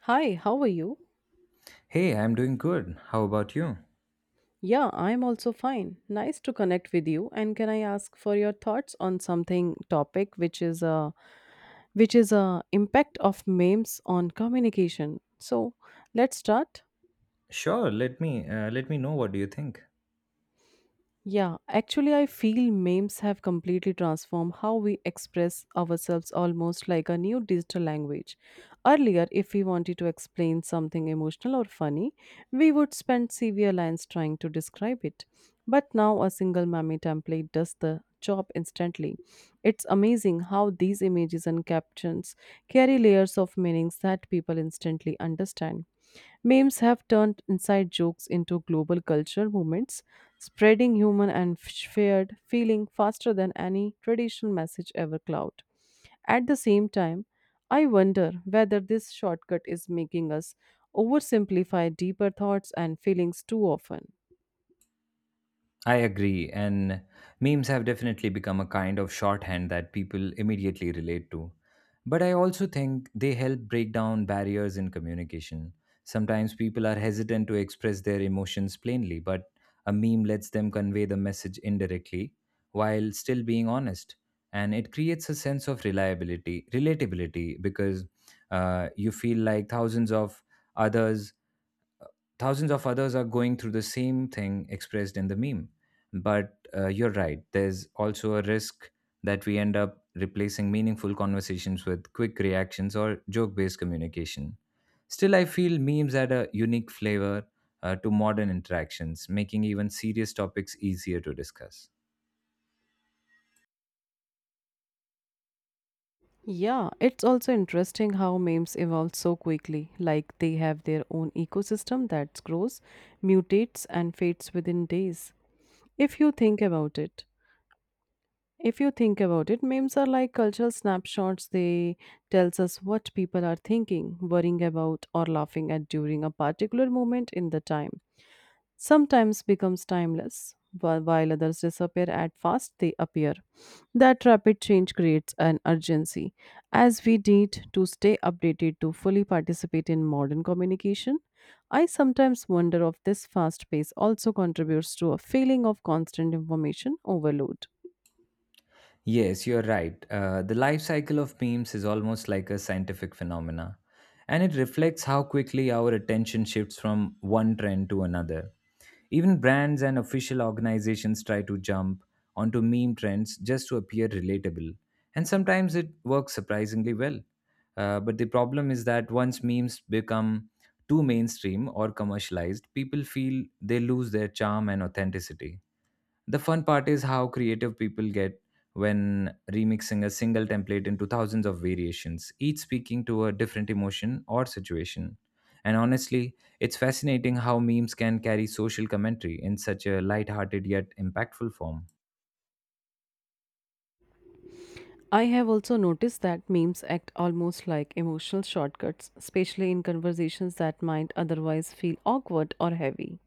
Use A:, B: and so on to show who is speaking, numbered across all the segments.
A: Hi, how are you?
B: Hey, I'm doing good. How about you?
A: Yeah, I'm also fine. Nice to connect with you. And can I ask for your thoughts on something topic which is a impact of memes on communication. So, let's start.
B: Sure, let me know what do you think.
A: Yeah, actually, I feel memes have completely transformed how we express ourselves almost like a new digital language. Earlier, if we wanted to explain something emotional or funny, we would spend severe lines trying to describe it. But now, a single meme template does the job instantly. It's amazing how these images and captions carry layers of meanings that people instantly understand. Memes have turned inside jokes into global culture movements, spreading human and shared feeling faster than any traditional message ever cloud. At the same time, I wonder whether this shortcut is making us oversimplify deeper thoughts and feelings too often.
B: I agree, and memes have definitely become a kind of shorthand that people immediately relate to. But I also think they help break down barriers in communication. Sometimes people are hesitant to express their emotions plainly, but a meme lets them convey the message indirectly while still being honest. And it creates a sense of reliability, relatability, because you feel like others thousands of others are going through the same thing expressed in the meme. But you're right, there's also a risk that we end up replacing meaningful conversations with quick reactions or joke based communication. Still, I feel memes add a unique flavor to modern interactions, making even serious topics easier to discuss.
A: Yeah, it's also interesting how memes evolve so quickly. Like they have their own ecosystem that grows, mutates, and fades within days. If you think about it, if you think about it, memes are like cultural snapshots. They tells us what people are thinking, worrying about, or laughing at during a particular moment in the time sometimes becomes timeless, while others disappear at fast they appear. That rapid change creates an urgency, as we need to stay updated to fully participate in modern communication. I sometimes wonder if this fast pace also contributes to a feeling of constant information overload.
B: Yes, you're right. The life cycle of memes is almost like a scientific phenomena, and it reflects how quickly our attention shifts from one trend to another. Even brands and official organizations try to jump onto meme trends just to appear relatable, and sometimes it works surprisingly well. But the problem is that once memes become too mainstream or commercialized, people feel they lose their charm and authenticity. The fun part is how creative people get when remixing a single template into thousands of variations, each speaking to a different emotion or situation. And honestly, it's fascinating how memes can carry social commentary in such a light-hearted yet impactful form.
A: I have also noticed that memes act almost like emotional shortcuts, especially in conversations that might otherwise feel awkward or heavy.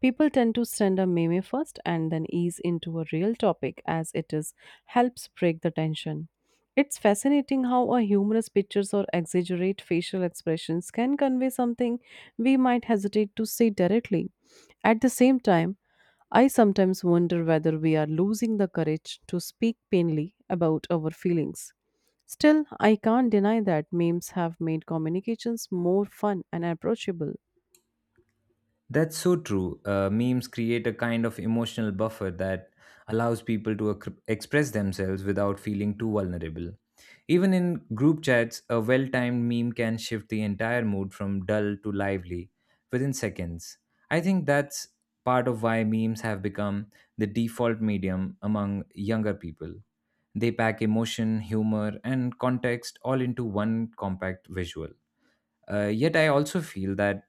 A: People tend to send a meme first and then ease into a real topic as it is helps break the tension. It's fascinating how a humorous pictures or exaggerate facial expressions can convey something we might hesitate to say directly. At the same time, I sometimes wonder whether we are losing the courage to speak plainly about our feelings. Still, I can't deny that memes have made communications more fun and approachable.
B: That's so true. Memes create a kind of emotional buffer that allows express themselves without feeling too vulnerable. Even in group chats, a well timed meme can shift the entire mood from dull to lively within seconds. I think that's part of why memes have become the default medium among younger people. They pack emotion, humor, and context all into one compact visual. Yet, I also feel that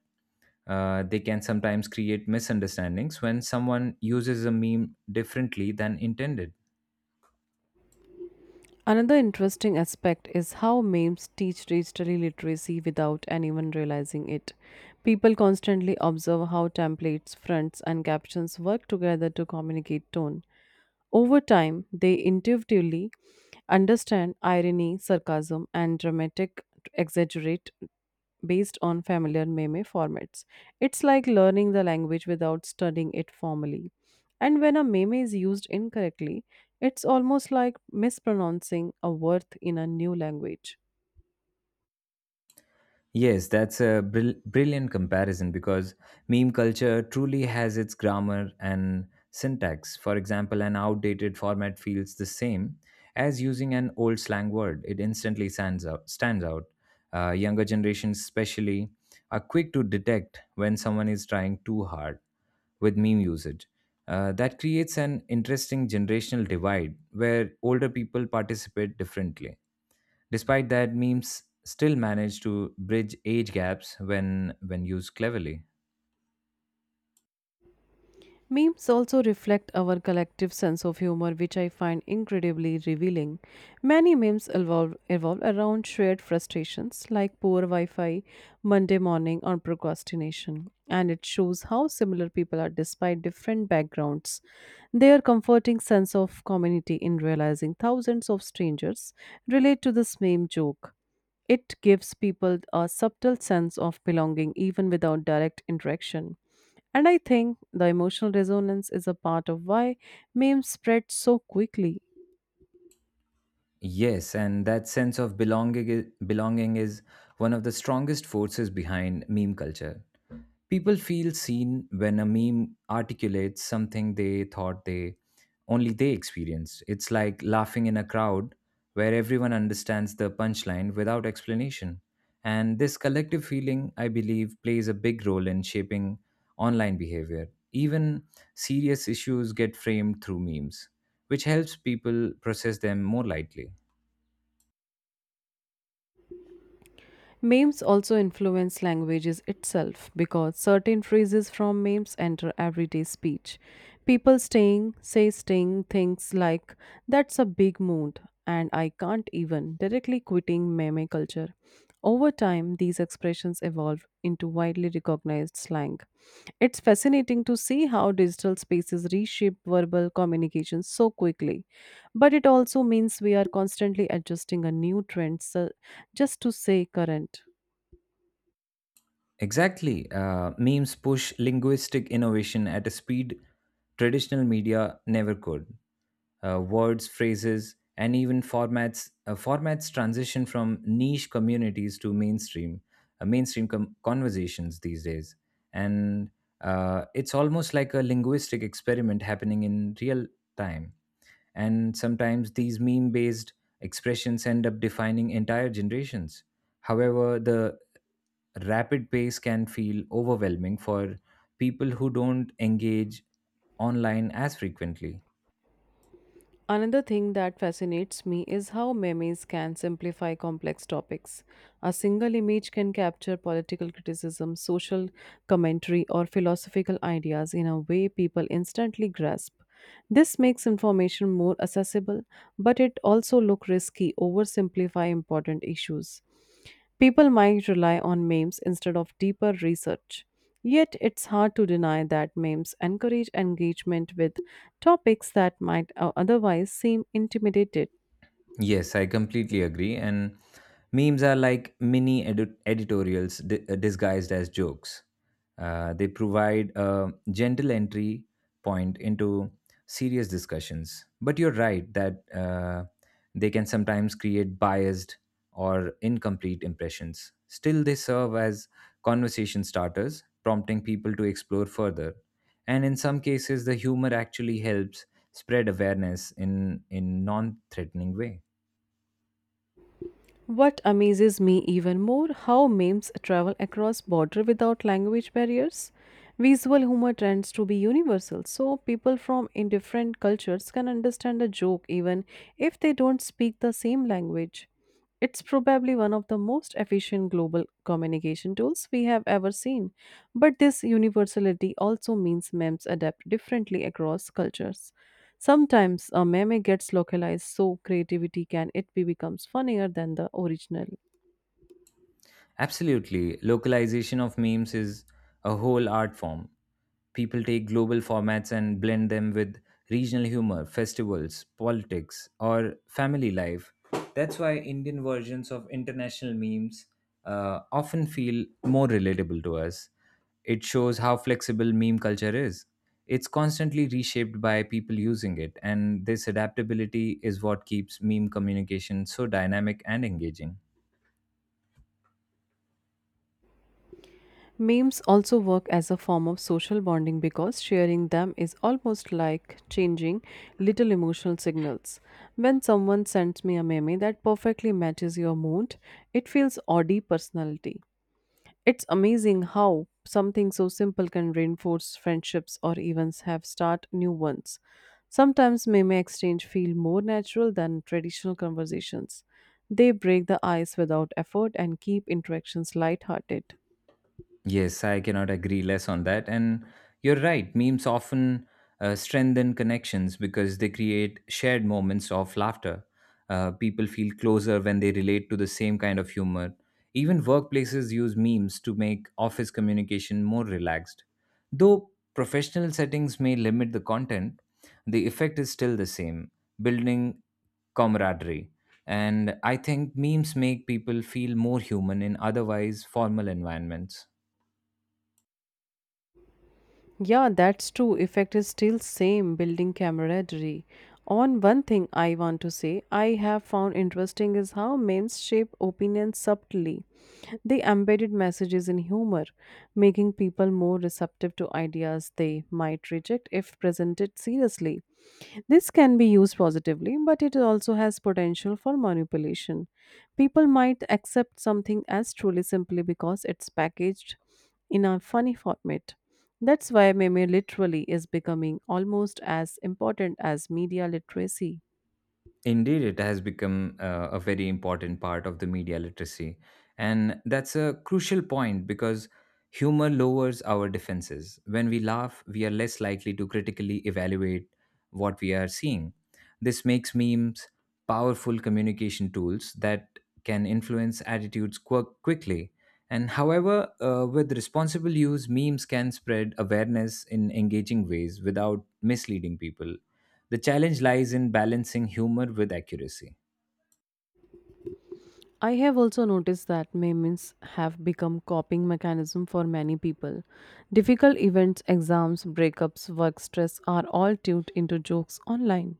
B: uh, they can sometimes create misunderstandings when someone uses a meme differently than intended.
A: Another interesting aspect is how memes teach digital literacy without anyone realizing it. People constantly observe how templates, fronts, and captions work together to communicate tone. Over time, they intuitively understand irony, sarcasm, and dramatic exaggerate based on familiar meme formats. It's like learning the language without studying it formally. And when a meme is used incorrectly, it's almost like mispronouncing a word in a new language.
B: Yes, that's a brilliant comparison because meme culture truly has its grammar and syntax. For example, an outdated format feels the same as using an old slang word, it instantly stands out. Younger generations, especially, are quick to detect when someone is trying too hard with meme usage. That creates an interesting generational divide where older people participate differently. Despite that, memes still manage to bridge age gaps when used cleverly.
A: Memes also reflect our collective sense of humor, which I find incredibly revealing. Many memes evolve, around shared frustrations like poor Wi Fi, Monday morning, or procrastination. And it shows how similar people are despite different backgrounds. Their comforting sense of community in realizing thousands of strangers relate to this meme joke. It gives people a subtle sense of belonging even without direct interaction. And I think the emotional resonance is a part of why memes spread so quickly.
B: Yes, and that sense of belonging is one of the strongest forces behind meme culture. People feel seen when a meme articulates something they thought they only they experienced. It's like laughing in a crowd where everyone understands the punchline without explanation. And this collective feeling, I believe, plays a big role in shaping online behavior. Even serious issues get framed through memes, which helps people process them more lightly.
A: Memes also influence languages itself because certain phrases from memes enter everyday speech. People staying say staying things like that's a big mood and I can't even directly quitting meme culture. Over time, these expressions evolve into widely recognized slang. It's fascinating to see how digital spaces reshape verbal communication so quickly. But it also means we are constantly adjusting a new trend so just to say current.
B: Exactly. Memes push linguistic innovation at a speed traditional media never could. Words, phrases, and even formats transition from niche communities to mainstream conversations these days, and it's almost like a linguistic experiment happening in real time. And sometimes these meme-based expressions end up defining entire generations. However, the rapid pace can feel overwhelming for people who don't engage online as frequently.
A: Another thing that fascinates me is how memes can simplify complex topics. A single image can capture political criticism, social commentary, or philosophical ideas in a way people instantly grasp. This makes information more accessible, but it also look risky oversimplify important issues. People might rely on memes instead of deeper research. Yet it's hard to deny that memes encourage engagement with topics that might otherwise seem intimidated.
B: Yes, I completely agree. And memes are like editorials disguised as jokes. They provide a gentle entry point into serious discussions. But you're right that they can sometimes create biased or incomplete impressions. Still, they serve as conversation starters, prompting people to explore further. And in some cases, the humor actually helps spread awareness in non threatening way.
A: What amazes me even more how memes travel across border without language barriers. Visual humor tends to be universal, so people from in different cultures can understand a joke even if they don't speak the same language. It's probably one of the most efficient global communication tools we have ever seen. But this universality also means memes adapt differently across cultures. Sometimes a meme gets localized so creativity can it be becomes funnier than the original.
B: Absolutely. Localization of memes is a whole art form. People take global formats and blend them with regional humor, festivals, politics, or family life. That's why Indian versions of international memes often feel more relatable to us. It shows how flexible meme culture is. It's constantly reshaped by people using it, and this adaptability is what keeps meme communication so dynamic and engaging.
A: Memes also work as a form of social bonding because sharing them is almost like changing little emotional signals. When someone sends me a meme that perfectly matches your mood, it feels oddly personality. It's amazing how something so simple can reinforce friendships or even have start new ones. Sometimes meme exchange feel more natural than traditional conversations. They break the ice without effort and keep interactions lighthearted.
B: Yes, I cannot agree less on that. And you're right, memes often strengthen connections because they create shared moments of laughter. People feel closer when they relate to the same kind of humor. Even workplaces use memes to make office communication more relaxed. Though professional settings may limit the content, the effect is still the same, building camaraderie. And I think memes make people feel more human in otherwise formal environments.
A: Yeah, that's true. Effect is still same building camaraderie. On one thing I want to say I have found interesting is how memes shape opinions subtly. They embedded messages in humor, making people more receptive to ideas they might reject if presented seriously. This can be used positively, but it also has potential for manipulation. People might accept something as truly simply because it's packaged in a funny format. That's why meme literally is becoming almost as important as media literacy.
B: Indeed, it has become a very important part of the media literacy. And that's a crucial point because humor lowers our defenses. When we laugh, we are less likely to critically evaluate what we are seeing. This makes memes powerful communication tools that can influence quickly. And however, with responsible use, memes can spread awareness in engaging ways without misleading people, the challenge lies in balancing humor with accuracy.
A: I have also noticed that memes have become coping mechanism for many people. Difficult events, exams, breakups, work stress are all tuned into jokes online.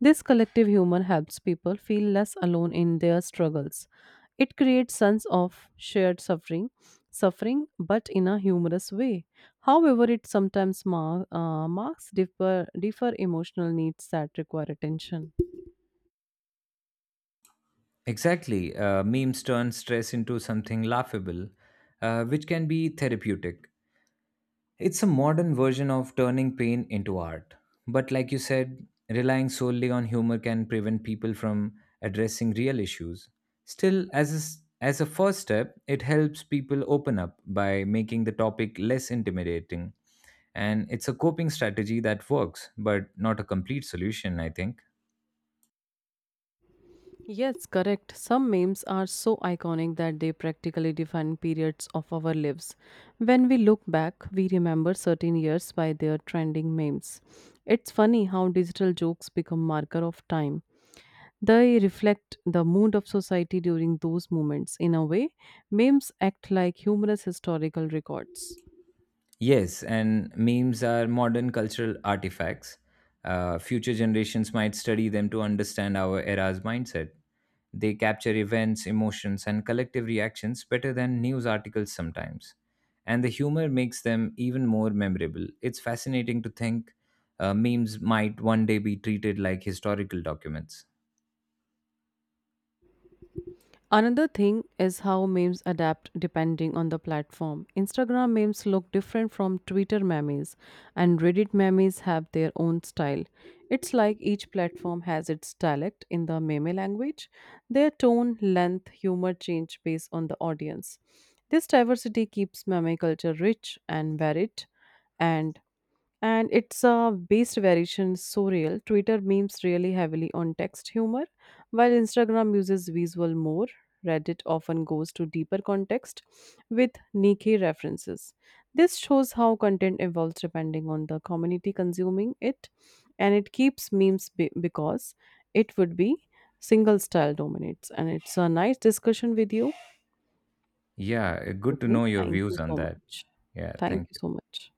A: This collective humor helps people feel less alone in their struggles. It creates sense of shared suffering, but in a humorous way. However, it sometimes marks differ emotional needs that require attention.
B: Exactly. Memes turn stress into something laughable, which can be therapeutic. It's a modern version of turning pain into art. But like you said, relying solely on humor can prevent people from addressing real issues. Still, as a first step, it helps people open up by making the topic less intimidating. And it's a coping strategy that works, but not a complete solution, I think.
A: Yes, correct. Some memes are so iconic that they practically define periods of our lives. When we look back, we remember certain years by their trending memes. It's funny how digital jokes become marker of time. They reflect the mood of society during those moments. In a way, memes act like humorous historical records.
B: Yes, and memes are modern cultural artifacts. Future generations might study them to understand our era's mindset. They capture events, emotions, and collective reactions better than news articles sometimes. And the humor makes them even more memorable. It's fascinating to think memes might one day be treated like historical documents.
A: Another thing is how memes adapt depending on the platform. Instagram memes look different from Twitter memes, and Reddit memes have their own style. It's like each platform has its dialect in the meme language. Their tone, length, humor change based on the audience. This diversity keeps meme culture rich and varied, and and it's a based variation so real. Twitter memes really heavily on text humor, while Instagram uses visual more. Reddit often goes to deeper context with niche references. This shows how content evolves depending on the community consuming it, and it keeps memes because it would be single style dominates. And it's a nice discussion with you.
B: Yeah, good to
A: Okay,
B: know your
A: thank you
B: views on
A: so
B: that.
A: much.
B: Yeah,
A: Thank
B: thank
A: you
B: you.
A: so much.